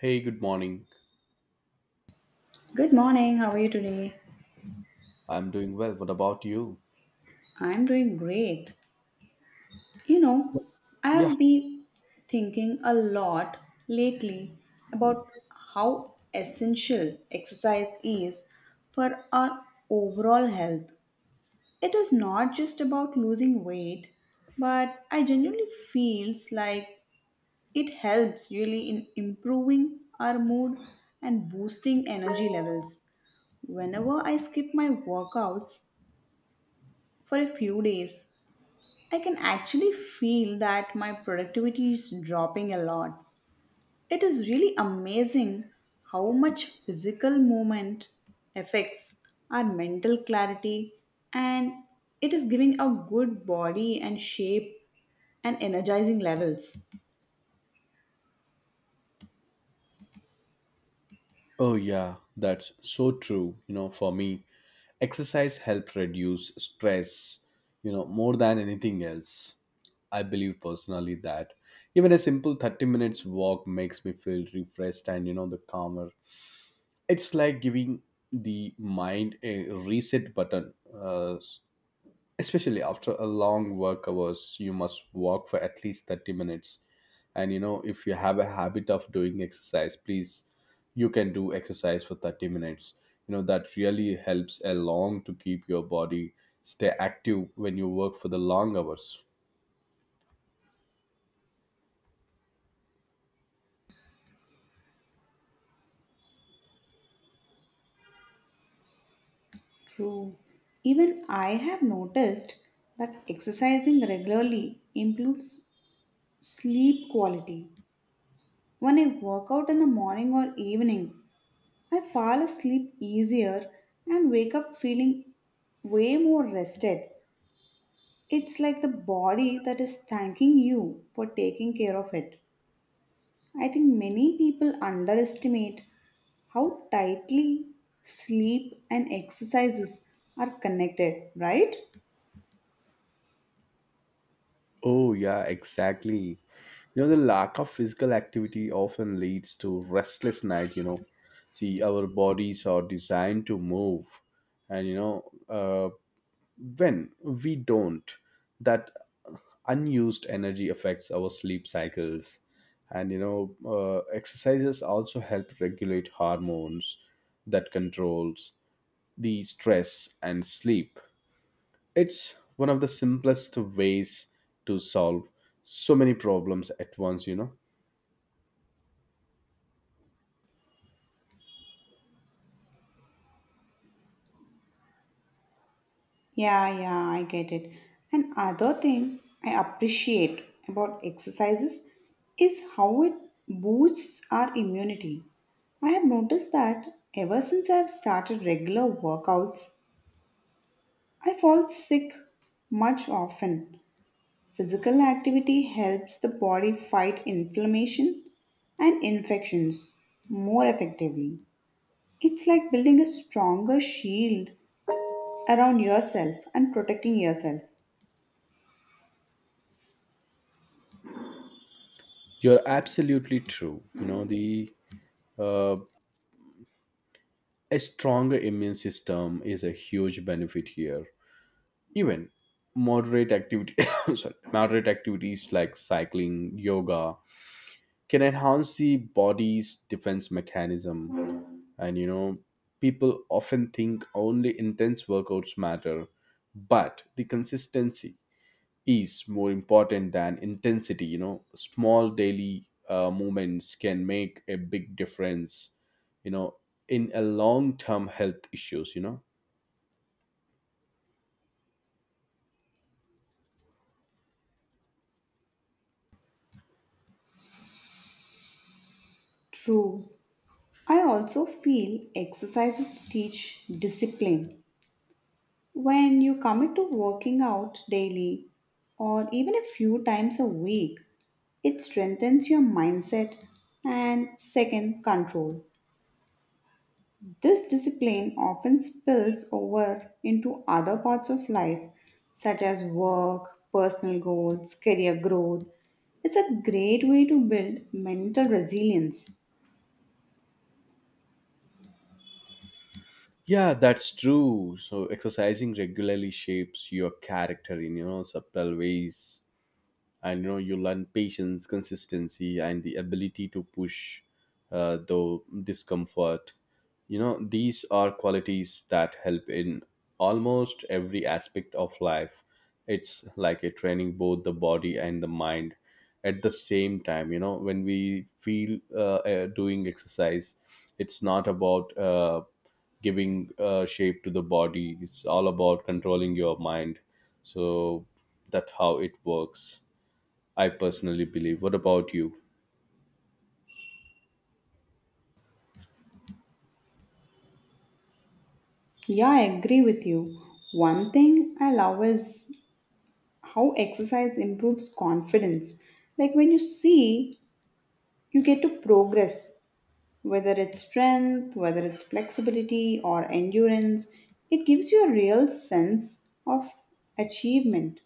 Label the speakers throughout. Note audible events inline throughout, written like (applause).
Speaker 1: Hey, good morning.
Speaker 2: Good morning. How are you today?
Speaker 1: I'm doing well. What about you?
Speaker 2: I'm doing great. You know,
Speaker 1: Yeah.
Speaker 2: I've been thinking a lot lately about how essential exercise is for our overall health. It is not just about losing weight, but I genuinely feels like it helps really in improving our mood and boosting energy levels. Whenever I skip my workouts for a few days, I can actually feel that my productivity is dropping a lot. It is really amazing how much physical movement affects our mental clarity and it is giving a good body and shape and energizing levels.
Speaker 1: Oh, yeah. That's so true. You know, for me, exercise helps reduce stress, you know, more than anything else. I believe personally that even a simple 30 minutes walk makes me feel refreshed and, you know, the calmer. It's like giving the mind a reset button. Especially after a long work hours, you must walk for at least 30 minutes, and you know, if you have a habit of doing exercise, please, you can do exercise for 30 minutes. You know, that really helps a long to keep your body stay active when you work for the long hours.
Speaker 2: True. Even I have noticed that exercising regularly improves sleep quality. When I work out in the morning or evening, I fall asleep easier and wake up feeling way more rested. It's like the body that is thanking you for taking care of it. I think many people underestimate how tightly sleep and exercises are connected, right?
Speaker 1: Oh yeah, exactly. You know, the lack of physical activity often leads to restless night, you know. See, our bodies are designed to move, and you know, when we don't, that unused energy affects our sleep cycles. And you know, exercises also help regulate hormones that controls the stress and sleep. It's one of the simplest ways to solve so many problems at once, you know.
Speaker 2: Yeah, yeah, I get it. And other thing I appreciate about exercises is how it boosts our immunity. I have noticed that ever since I have started regular workouts, I fall sick much often. Physical activity helps the body fight inflammation and infections more effectively. It's like building a stronger shield around yourself and protecting yourself.
Speaker 1: You're absolutely true, you know, the uh, a stronger immune system is a huge benefit here. Even moderate activity (coughs) sorry, moderate activities like cycling, yoga can enhance the body's defense mechanism. And you know, people often think only intense workouts matter, but the consistency is more important than intensity, you know. Small daily movements can make a big difference, you know, in a long term health issues, you know.
Speaker 2: True. I also feel exercises teach discipline. When you commit to working out daily or even a few times a week, it strengthens your mindset and second control. This discipline often spills over into other parts of life such as work, personal goals, career growth. It's a great way to build mental resilience.
Speaker 1: Yeah, that's true. So, exercising regularly shapes your character in, you know, subtle ways. And you know, you learn patience, consistency, and the ability to push though discomfort. You know, these are qualities that help in almost every aspect of life. It's like a training both the body and the mind at the same time. You know, when we feel doing exercise, it's not about giving shape to the body. It's all about controlling your mind. So, that's how it works, I personally believe. What about you?
Speaker 2: Yeah, I agree with you. One thing I love is how exercise improves confidence. Like when you see, you get to progress, whether it's strength, whether it's flexibility or endurance. It gives you a real sense of achievement.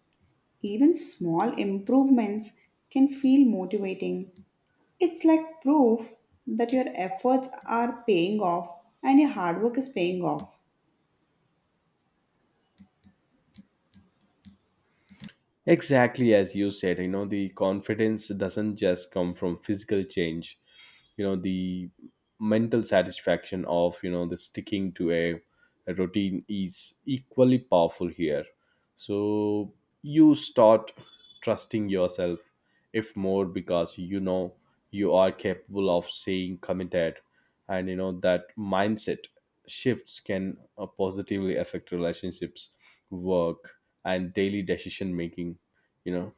Speaker 2: Even small improvements can feel motivating. It's like proof that your efforts are paying off and your hard work is paying off.
Speaker 1: Exactly as you said, you know, the confidence doesn't just come from physical change, you know, the mental satisfaction of, you know, the sticking to a routine is equally powerful here. So, you start trusting yourself if more, because you know you are capable of staying committed. And you know, that mindset shifts can positively affect relationships, work, and daily decision making, you know.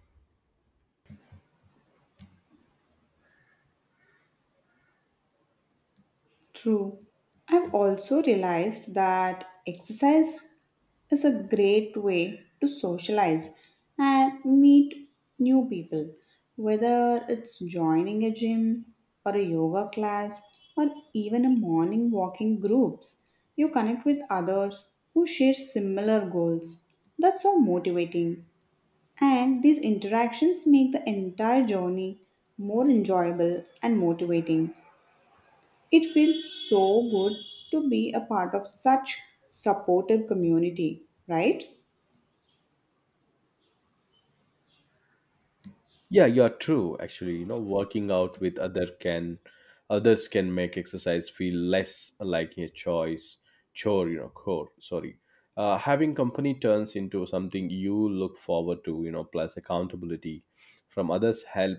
Speaker 2: True. I've also realized that exercise is a great way to socialize and meet new people, whether it's joining a gym or a yoga class or even a morning walking groups. You connect with others who share similar goals. That's so motivating. And these interactions make the entire journey more enjoyable and motivating. It feels so good to be a part of such supportive community, right?
Speaker 1: Yeah, you're true. Actually, you know, working out with others can make exercise feel less like a choice chore. You know, chore. Sorry. Having company turns into something you look forward to. You know, plus accountability from others help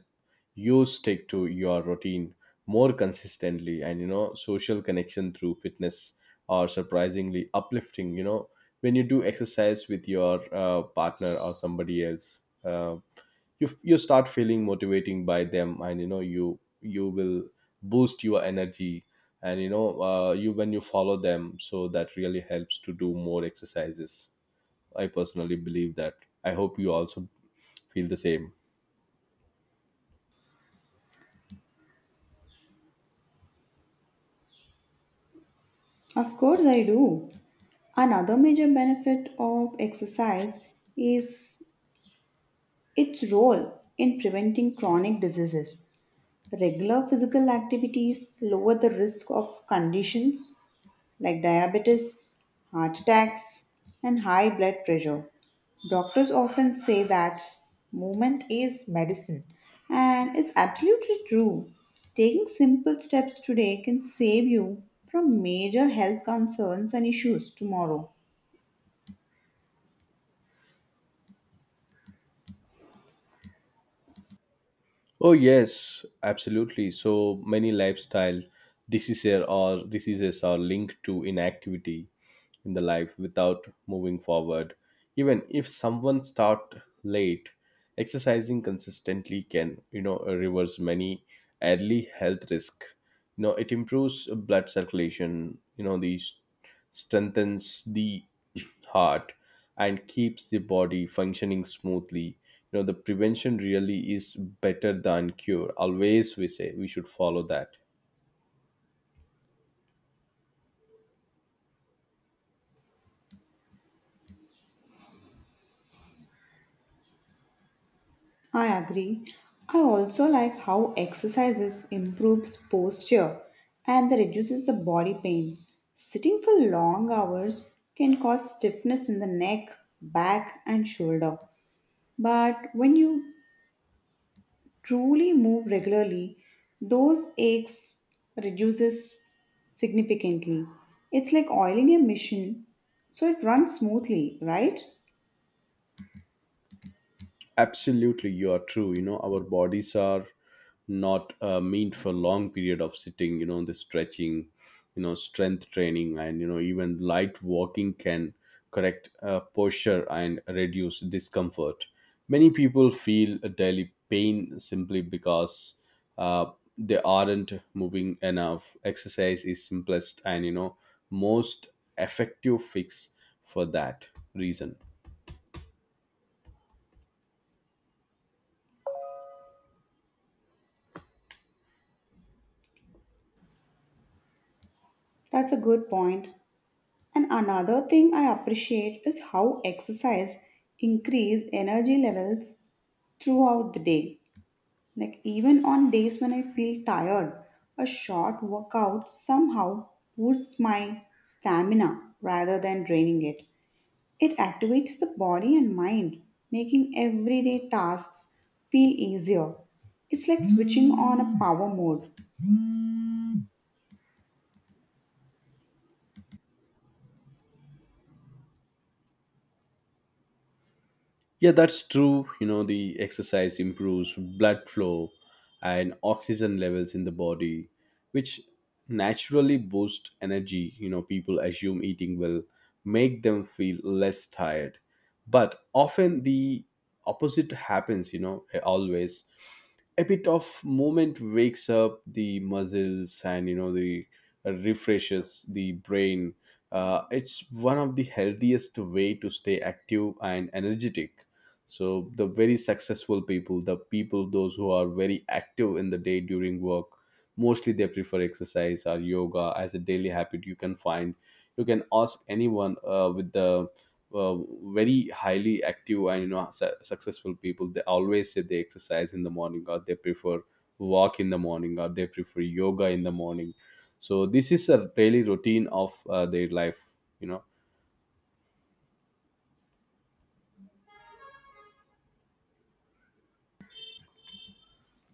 Speaker 1: you stick to your routine more consistently. And you know, social connection through fitness are surprisingly uplifting. You know, when you do exercise with your partner or somebody else. You start feeling motivating by them. And you know, you will boost your energy. And you know, you, when you follow them, so that really helps to do more exercises. I personally believe that. I hope you also feel the same.
Speaker 2: Of course I do. Another major benefit of exercise is its role in preventing chronic diseases. Regular physical activities lower the risk of conditions like diabetes, heart attacks, and high blood pressure. Doctors often say that movement is medicine, and it's absolutely true. Taking simple steps today can save you from major health concerns and issues tomorrow.
Speaker 1: Oh yes, absolutely. So many lifestyle diseases are linked to inactivity in the life without moving forward. Even if someone start late, exercising consistently can, you know, reverse many early health risk. You know, it improves blood circulation. You know, these strengthens the (clears throat) heart and keeps the body functioning smoothly. You know, the prevention really is better than cure, always we say, we should follow that.
Speaker 2: I agree. I also like how exercises improves posture and that reduces the body pain. Sitting for long hours can cause stiffness in the neck, back and shoulder. But when you truly move regularly, those aches reduces significantly. It's like oiling a machine so it runs smoothly, right?
Speaker 1: Absolutely, you are true. You know, our bodies are not meant for long period of sitting. You know, the stretching, you know, strength training, and you know, even light walking can correct posture and reduce discomfort. Many people feel a daily pain simply because uh, they aren't moving enough. Exercise is simplest and, you know, most effective fix for that reason.
Speaker 2: That's a good point. And another thing I appreciate is how exercise increase energy levels throughout the day. Like even on days when I feel tired, a short workout somehow boosts my stamina rather than draining it. It activates the body and mind, making everyday tasks feel easier. It's like switching on a power mode.
Speaker 1: Yeah, that's true. You know, the exercise improves blood flow and oxygen levels in the body, which naturally boost energy. You know, people assume eating will make them feel less tired. But often the opposite happens, you know, always a bit of movement wakes up the muscles. And you know, the refreshes the brain. It's one of the healthiest way to stay active and energetic. So, the very successful people, the people those who are very active in the day during work, mostly they prefer exercise or yoga as a daily habit. You can find, you can ask anyone, with the uh, very highly active and, you know, successful people, they always say they exercise in the morning, or they prefer walk in the morning, or they prefer yoga in the morning. So, this is a daily routine of their life, you know.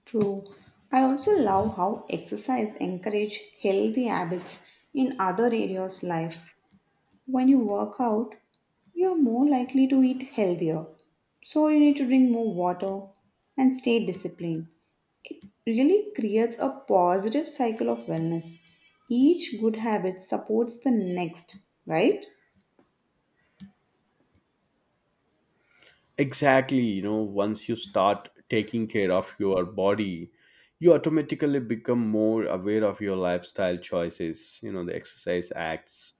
Speaker 2: True. I also love how exercise encourage healthy habits in other areas life. When you work out, you are more likely to eat healthier. So you need to drink more water and stay disciplined. Really creates a positive cycle of wellness. Each good habit supports the next, right?
Speaker 1: Exactly. You know, once you start taking care of your body, you automatically become more aware of your lifestyle choices. You know, the exercise acts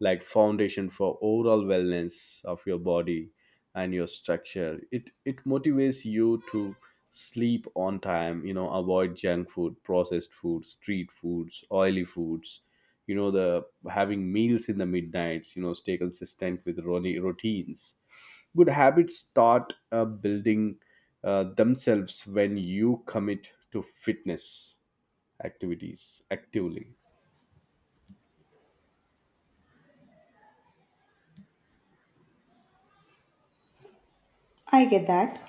Speaker 1: like foundation for overall wellness of your body and your structure. It motivates you to sleep on time, you know, avoid junk food, processed food, street foods, oily foods, you know, the having meals in the midnights, you know, stay consistent with routines. Good habits start building themselves when you commit to fitness activities actively.
Speaker 2: I get that.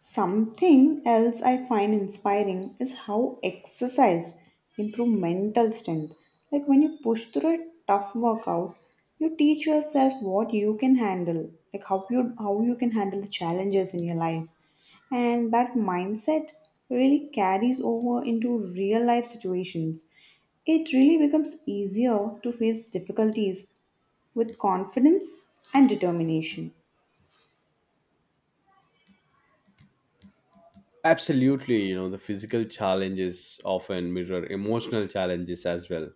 Speaker 2: Something else I find inspiring is how exercise improve mental strength. Like when you push through a tough workout, you teach yourself what you can handle, like how you can handle the challenges in your life. And that mindset really carries over into real life situations. It really becomes easier to face difficulties with confidence and determination.
Speaker 1: Absolutely, you know, the physical challenges often mirror emotional challenges as well.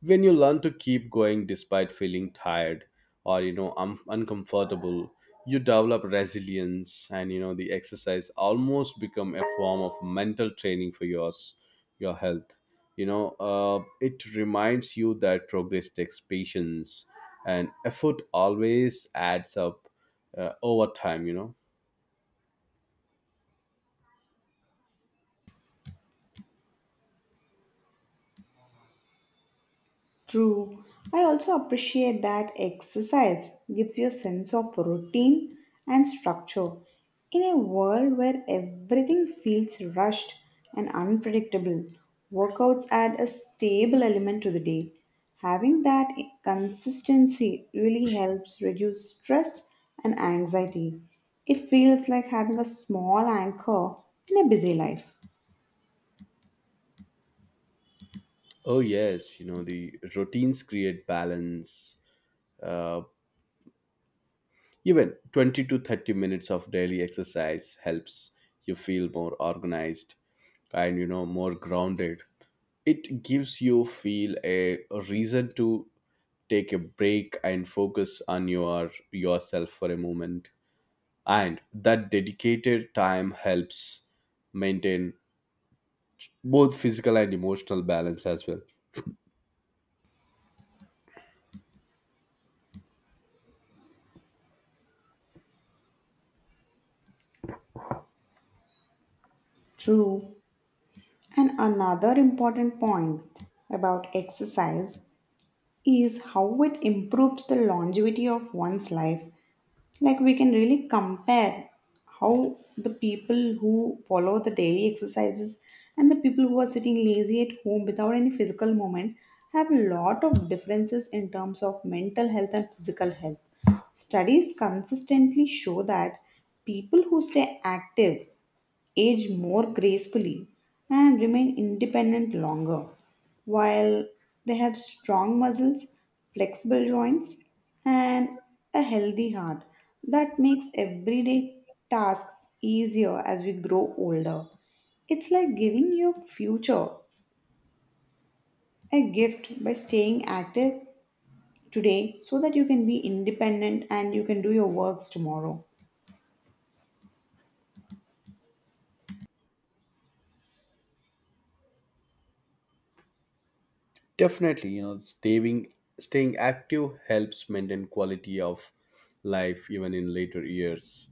Speaker 1: When you learn to keep going despite feeling tired or, you know, uncomfortable, you develop resilience. And, you know, the exercise almost become a form of mental training for your health. You know, it reminds you that progress takes patience and effort always adds up over time, you know.
Speaker 2: True. I also appreciate that exercise gives you a sense of routine and structure. In a world where everything feels rushed and unpredictable, workouts add a stable element to the day. Having that consistency really helps reduce stress and anxiety. It feels like having a small anchor in a busy life.
Speaker 1: Oh yes, you know, the routines create balance. Uh, Even 20 to 30 minutes of daily exercise helps you feel more organized and, you know, more grounded. It gives you feel a reason to take a break and focus on yourself for a moment. And that dedicated time helps maintain both physical and emotional balance as well.
Speaker 2: True. And another important point about exercise is how it improves the longevity of one's life. Like we can really compare how the people who follow the daily exercises and the people who are sitting lazy at home without any physical movement have a lot of differences in terms of mental health and physical health. Studies consistently show that people who stay active age more gracefully, and remain independent longer, while they have strong muscles, flexible joints, and a healthy heart that makes everyday tasks easier as we grow older. It's like giving your future a gift by staying active today so that you can be independent and you can do your works tomorrow.
Speaker 1: Definitely, you know, staying active helps maintain quality of life even in later years.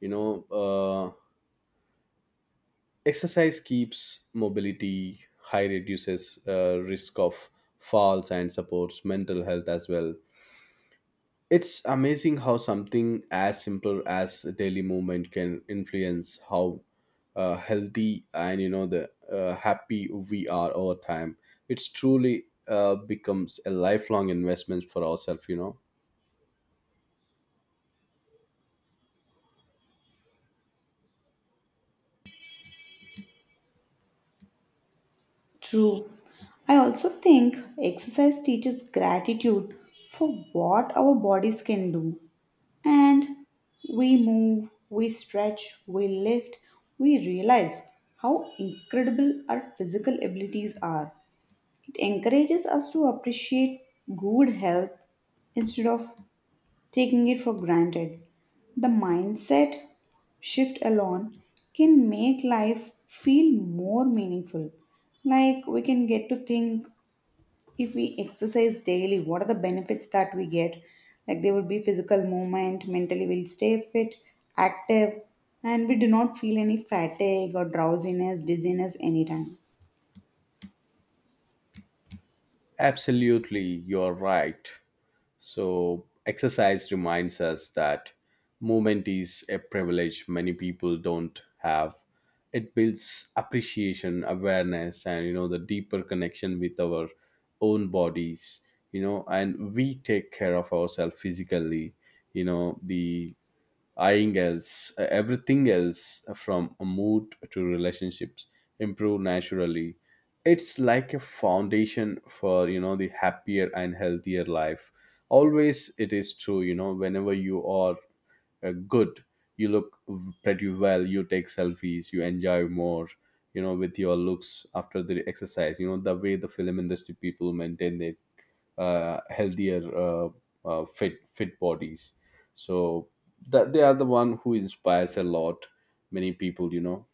Speaker 1: You know, exercise keeps mobility high, reduces risk of falls, and supports mental health as well. It's amazing how something as simple as a daily movement can influence how healthy and, you know, the happy we are over time. It's truly becomes a lifelong investment for ourselves, you know.
Speaker 2: True. I also think exercise teaches gratitude for what our bodies can do. And we move, we stretch, we lift, we realize how incredible our physical abilities are. It encourages us to appreciate good health instead of taking it for granted. The mindset shift alone can make life feel more meaningful. Like we can get to think if we exercise daily, what are the benefits that we get? Like there will be physical movement, mentally we'll stay fit, active, and we do not feel any fatigue or drowsiness, dizziness anytime.
Speaker 1: Absolutely, you're right. So, exercise reminds us that movement is a privilege many people don't have. It builds appreciation, awareness, and, you know, the deeper connection with our own bodies. You know, and we take care of ourselves physically, you know, the everything else from a mood to relationships improve naturally. It's like a foundation for, you know, the happier and healthier life. Always, it is true. You know, whenever you are good, you look pretty well. You take selfies. You enjoy more. You know, with your looks after the exercise. You know, the way the film industry people maintain their healthier, fit bodies, so that they are the one who inspires a lot many people, you know.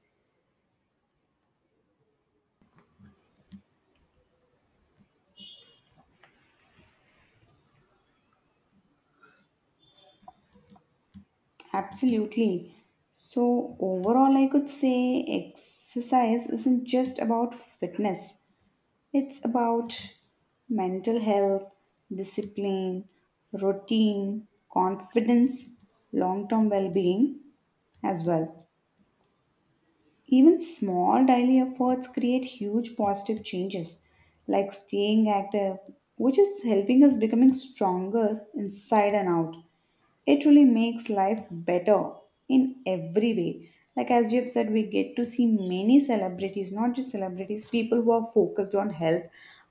Speaker 2: Absolutely. So, overall, I could say exercise isn't just about fitness, it's about mental health, discipline, routine, confidence, long term well being as well. Even small daily efforts create huge positive changes, like staying active, which is helping us becoming stronger inside and out. It really makes life better in every way. Like, as you have said, we get to see many celebrities, not just celebrities, people who are focused on health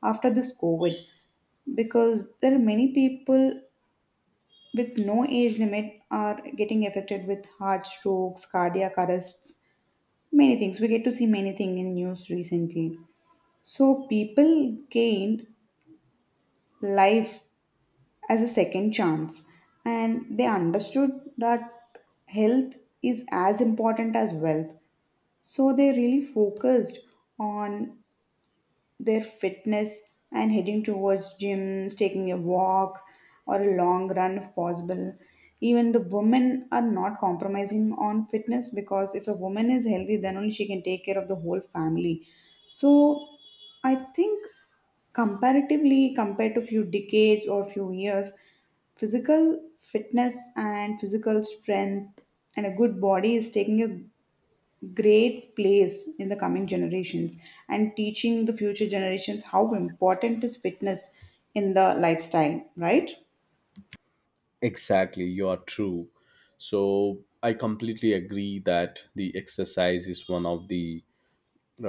Speaker 2: after this COVID because there are many people with no age limit are getting affected with heart strokes, cardiac arrests, many things. We get to see many things in news recently. So people gained life as a second chance and they understood that health is as important as wealth. So they really focused on their fitness and heading towards gyms, taking a walk or a long run if possible. Even the women are not compromising on fitness because if a woman is healthy, then only she can take care of the whole family. So I think comparatively compared to few decades or few years, physical fitness and physical strength and a good body is taking a great place in the coming generations and teaching the future generations how important is fitness in the lifestyle, right?
Speaker 1: Exactly, you are true. So, I completely agree that the exercise is one of the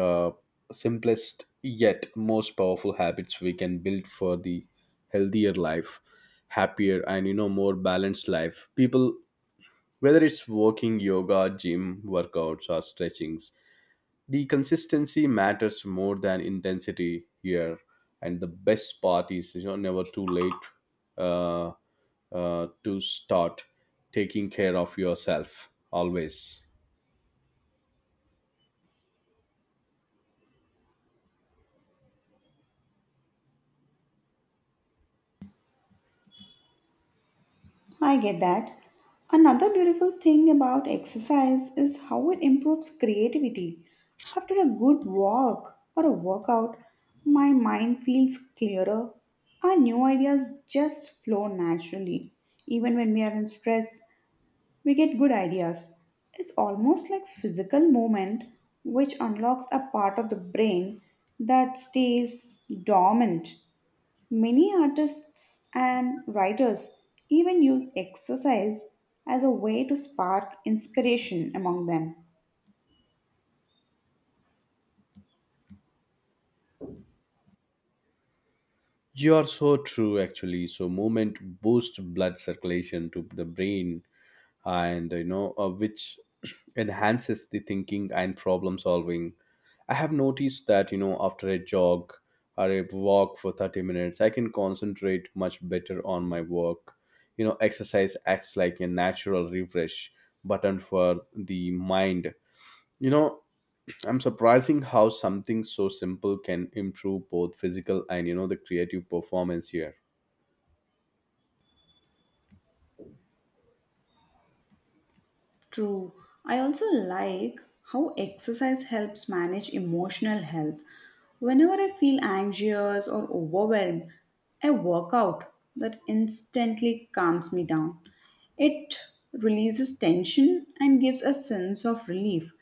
Speaker 1: uh, simplest yet most powerful habits we can build for the healthier life, happier and, you know, more balanced life. People, whether it's walking, yoga, gym workouts, or stretching, the consistency matters more than intensity here. And the best part is, you know, never too late uh, to start taking care of yourself always.
Speaker 2: I get that. Another beautiful thing about exercise is how it improves creativity. After a good walk or a workout, my mind feels clearer. Our new ideas just flow naturally, even when we are in stress we get good ideas. It's almost like physical movement which unlocks a part of the brain that stays dormant. Many artists and writers even use exercise as a way to spark inspiration among them.
Speaker 1: You are so true, actually. So, movement boosts blood circulation to the brain. And you know, which (clears throat) enhances the thinking and problem solving. I have noticed that, you know, after a jog or a walk for 30 minutes, I can concentrate much better on my work. You know, exercise acts like a natural refresh button for the mind. You know, I'm surprising how something so simple can improve both physical and, you know, the creative performance here.
Speaker 2: True. I also like how exercise helps manage emotional health. Whenever I feel anxious or overwhelmed, I work out that instantly calms me down. It releases tension and gives a sense of relief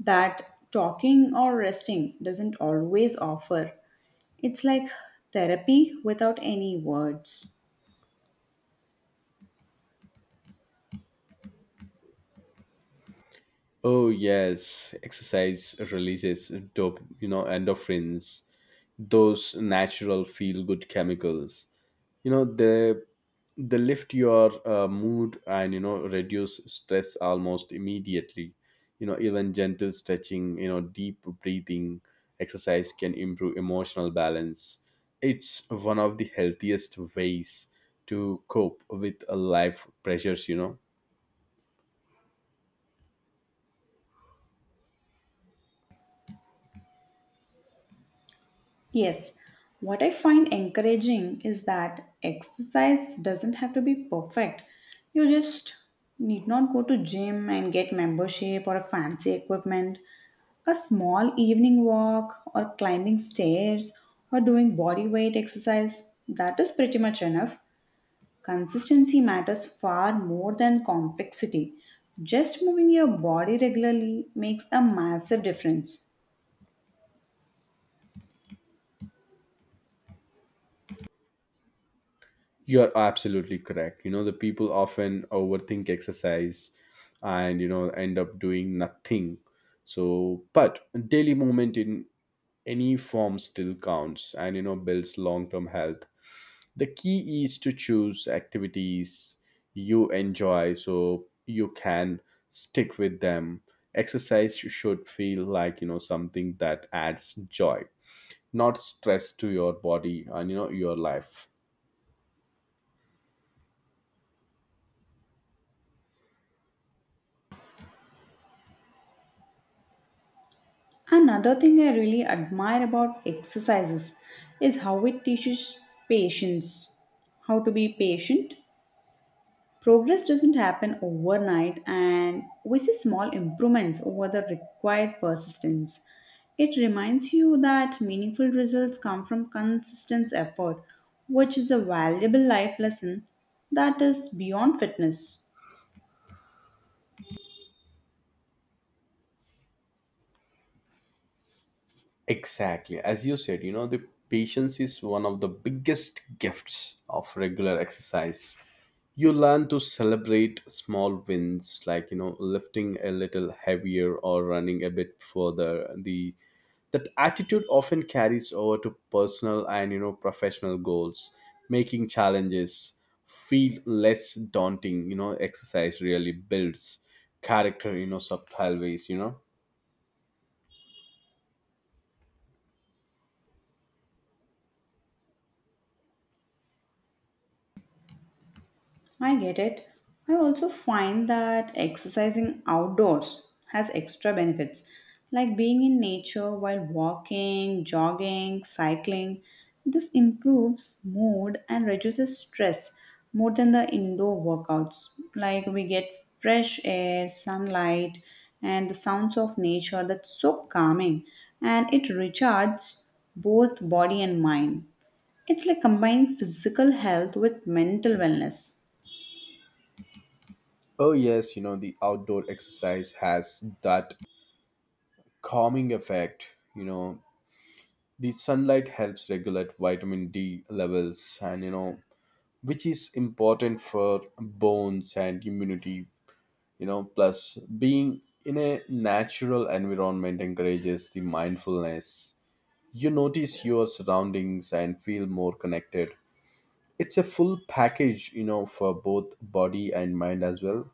Speaker 2: that talking or resting doesn't always offer. It's like therapy without any words.
Speaker 1: Oh yes, exercise releases you know, endorphins, those natural feel-good chemicals. You know, they lift your mood and, you know, reduce stress almost immediately. You know, even gentle stretching, you know, deep breathing exercise can improve emotional balance. It's one of the healthiest ways to cope with life pressures, you know.
Speaker 2: Yes, what I find encouraging is that exercise doesn't have to be perfect. You just need not go to gym and get membership or a fancy equipment. A small evening walk or climbing stairs or doing body weight exercise that is pretty much enough. Consistency matters far more than complexity. Just moving your body regularly makes a massive difference.
Speaker 1: You're absolutely correct. You know, the people often overthink exercise and, you know, end up doing nothing. So, but daily movement in any form still counts and, you know, builds long term health. The key is to choose activities you enjoy so you can stick with them. Exercise should feel like, you know, something that adds joy, not stress to your body and, you know, your life.
Speaker 2: Another thing I really admire about exercises is how it teaches patience, how to be patient. Progress doesn't happen overnight, and we see small improvements over the required persistence. It reminds you that meaningful results come from consistent effort, which is a valuable life lesson that is beyond fitness.
Speaker 1: Exactly. As you said, you know, the patience is one of the biggest gifts of regular exercise. You learn to celebrate small wins like, you know, lifting a little heavier or running a bit further. The That attitude often carries over to personal and, you know, professional goals, making challenges feel less daunting. You know, exercise really builds character, you know, subtle ways, you know.
Speaker 2: I get it. I also find that exercising outdoors has extra benefits, like being in nature while walking, jogging, cycling. This improves mood and reduces stress more than the indoor workouts. Like we get fresh air, sunlight, and the sounds of nature that's so calming and it recharges both body and mind. It's like combining physical health with mental wellness.
Speaker 1: Oh yes, you know, the outdoor exercise has that calming effect. You know, the sunlight helps regulate vitamin D levels, and you know, which is important for bones and immunity. You know, plus being in a natural environment encourages the mindfulness. You notice your surroundings and feel more connected. It's a full package, you know, for both body and mind as well.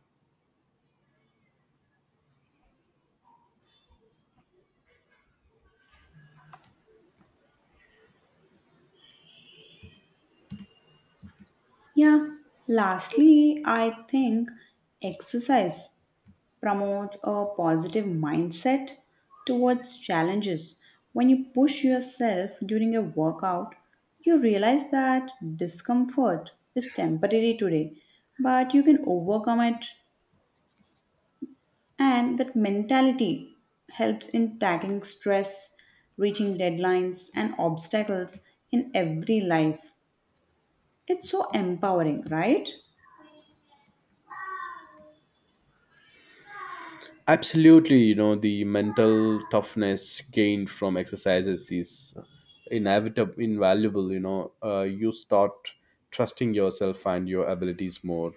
Speaker 2: Yeah. Lastly, I think exercise promotes a positive mindset towards challenges. When you push yourself during a workout, you realize that discomfort is temporary today, but you can overcome it, and that mentality helps in tackling stress, reaching deadlines, and obstacles in every life. It's so empowering, right?
Speaker 1: Absolutely, you know, the mental toughness gained from exercises is invaluable. You know, you start trusting yourself and your abilities more.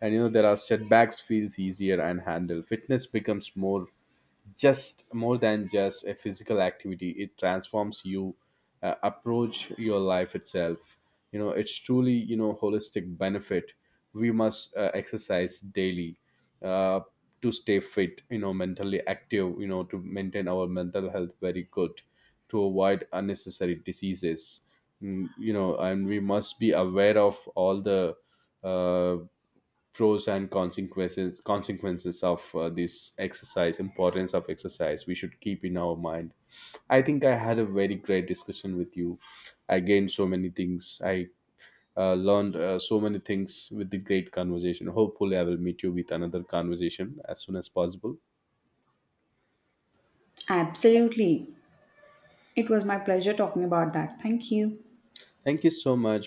Speaker 1: And you know, there are setbacks feels easier and handle. Fitness becomes more just more than just a physical activity. It transforms you approach your life itself. You know, it's truly, you know, holistic benefit. We must exercise daily uh, to stay fit, you know, mentally active, you know, to maintain our mental health very good, to avoid unnecessary diseases. You know, and we must be aware of all the uh, pros and consequences of this exercise, importance of exercise, we should keep in our mind. I think I had a very great discussion with you. I gained so many things. I learned so many things with the great conversation. Hopefully I will meet you with another conversation as soon as possible.
Speaker 2: Absolutely. It was my pleasure talking about that. Thank you.
Speaker 1: Thank you so much.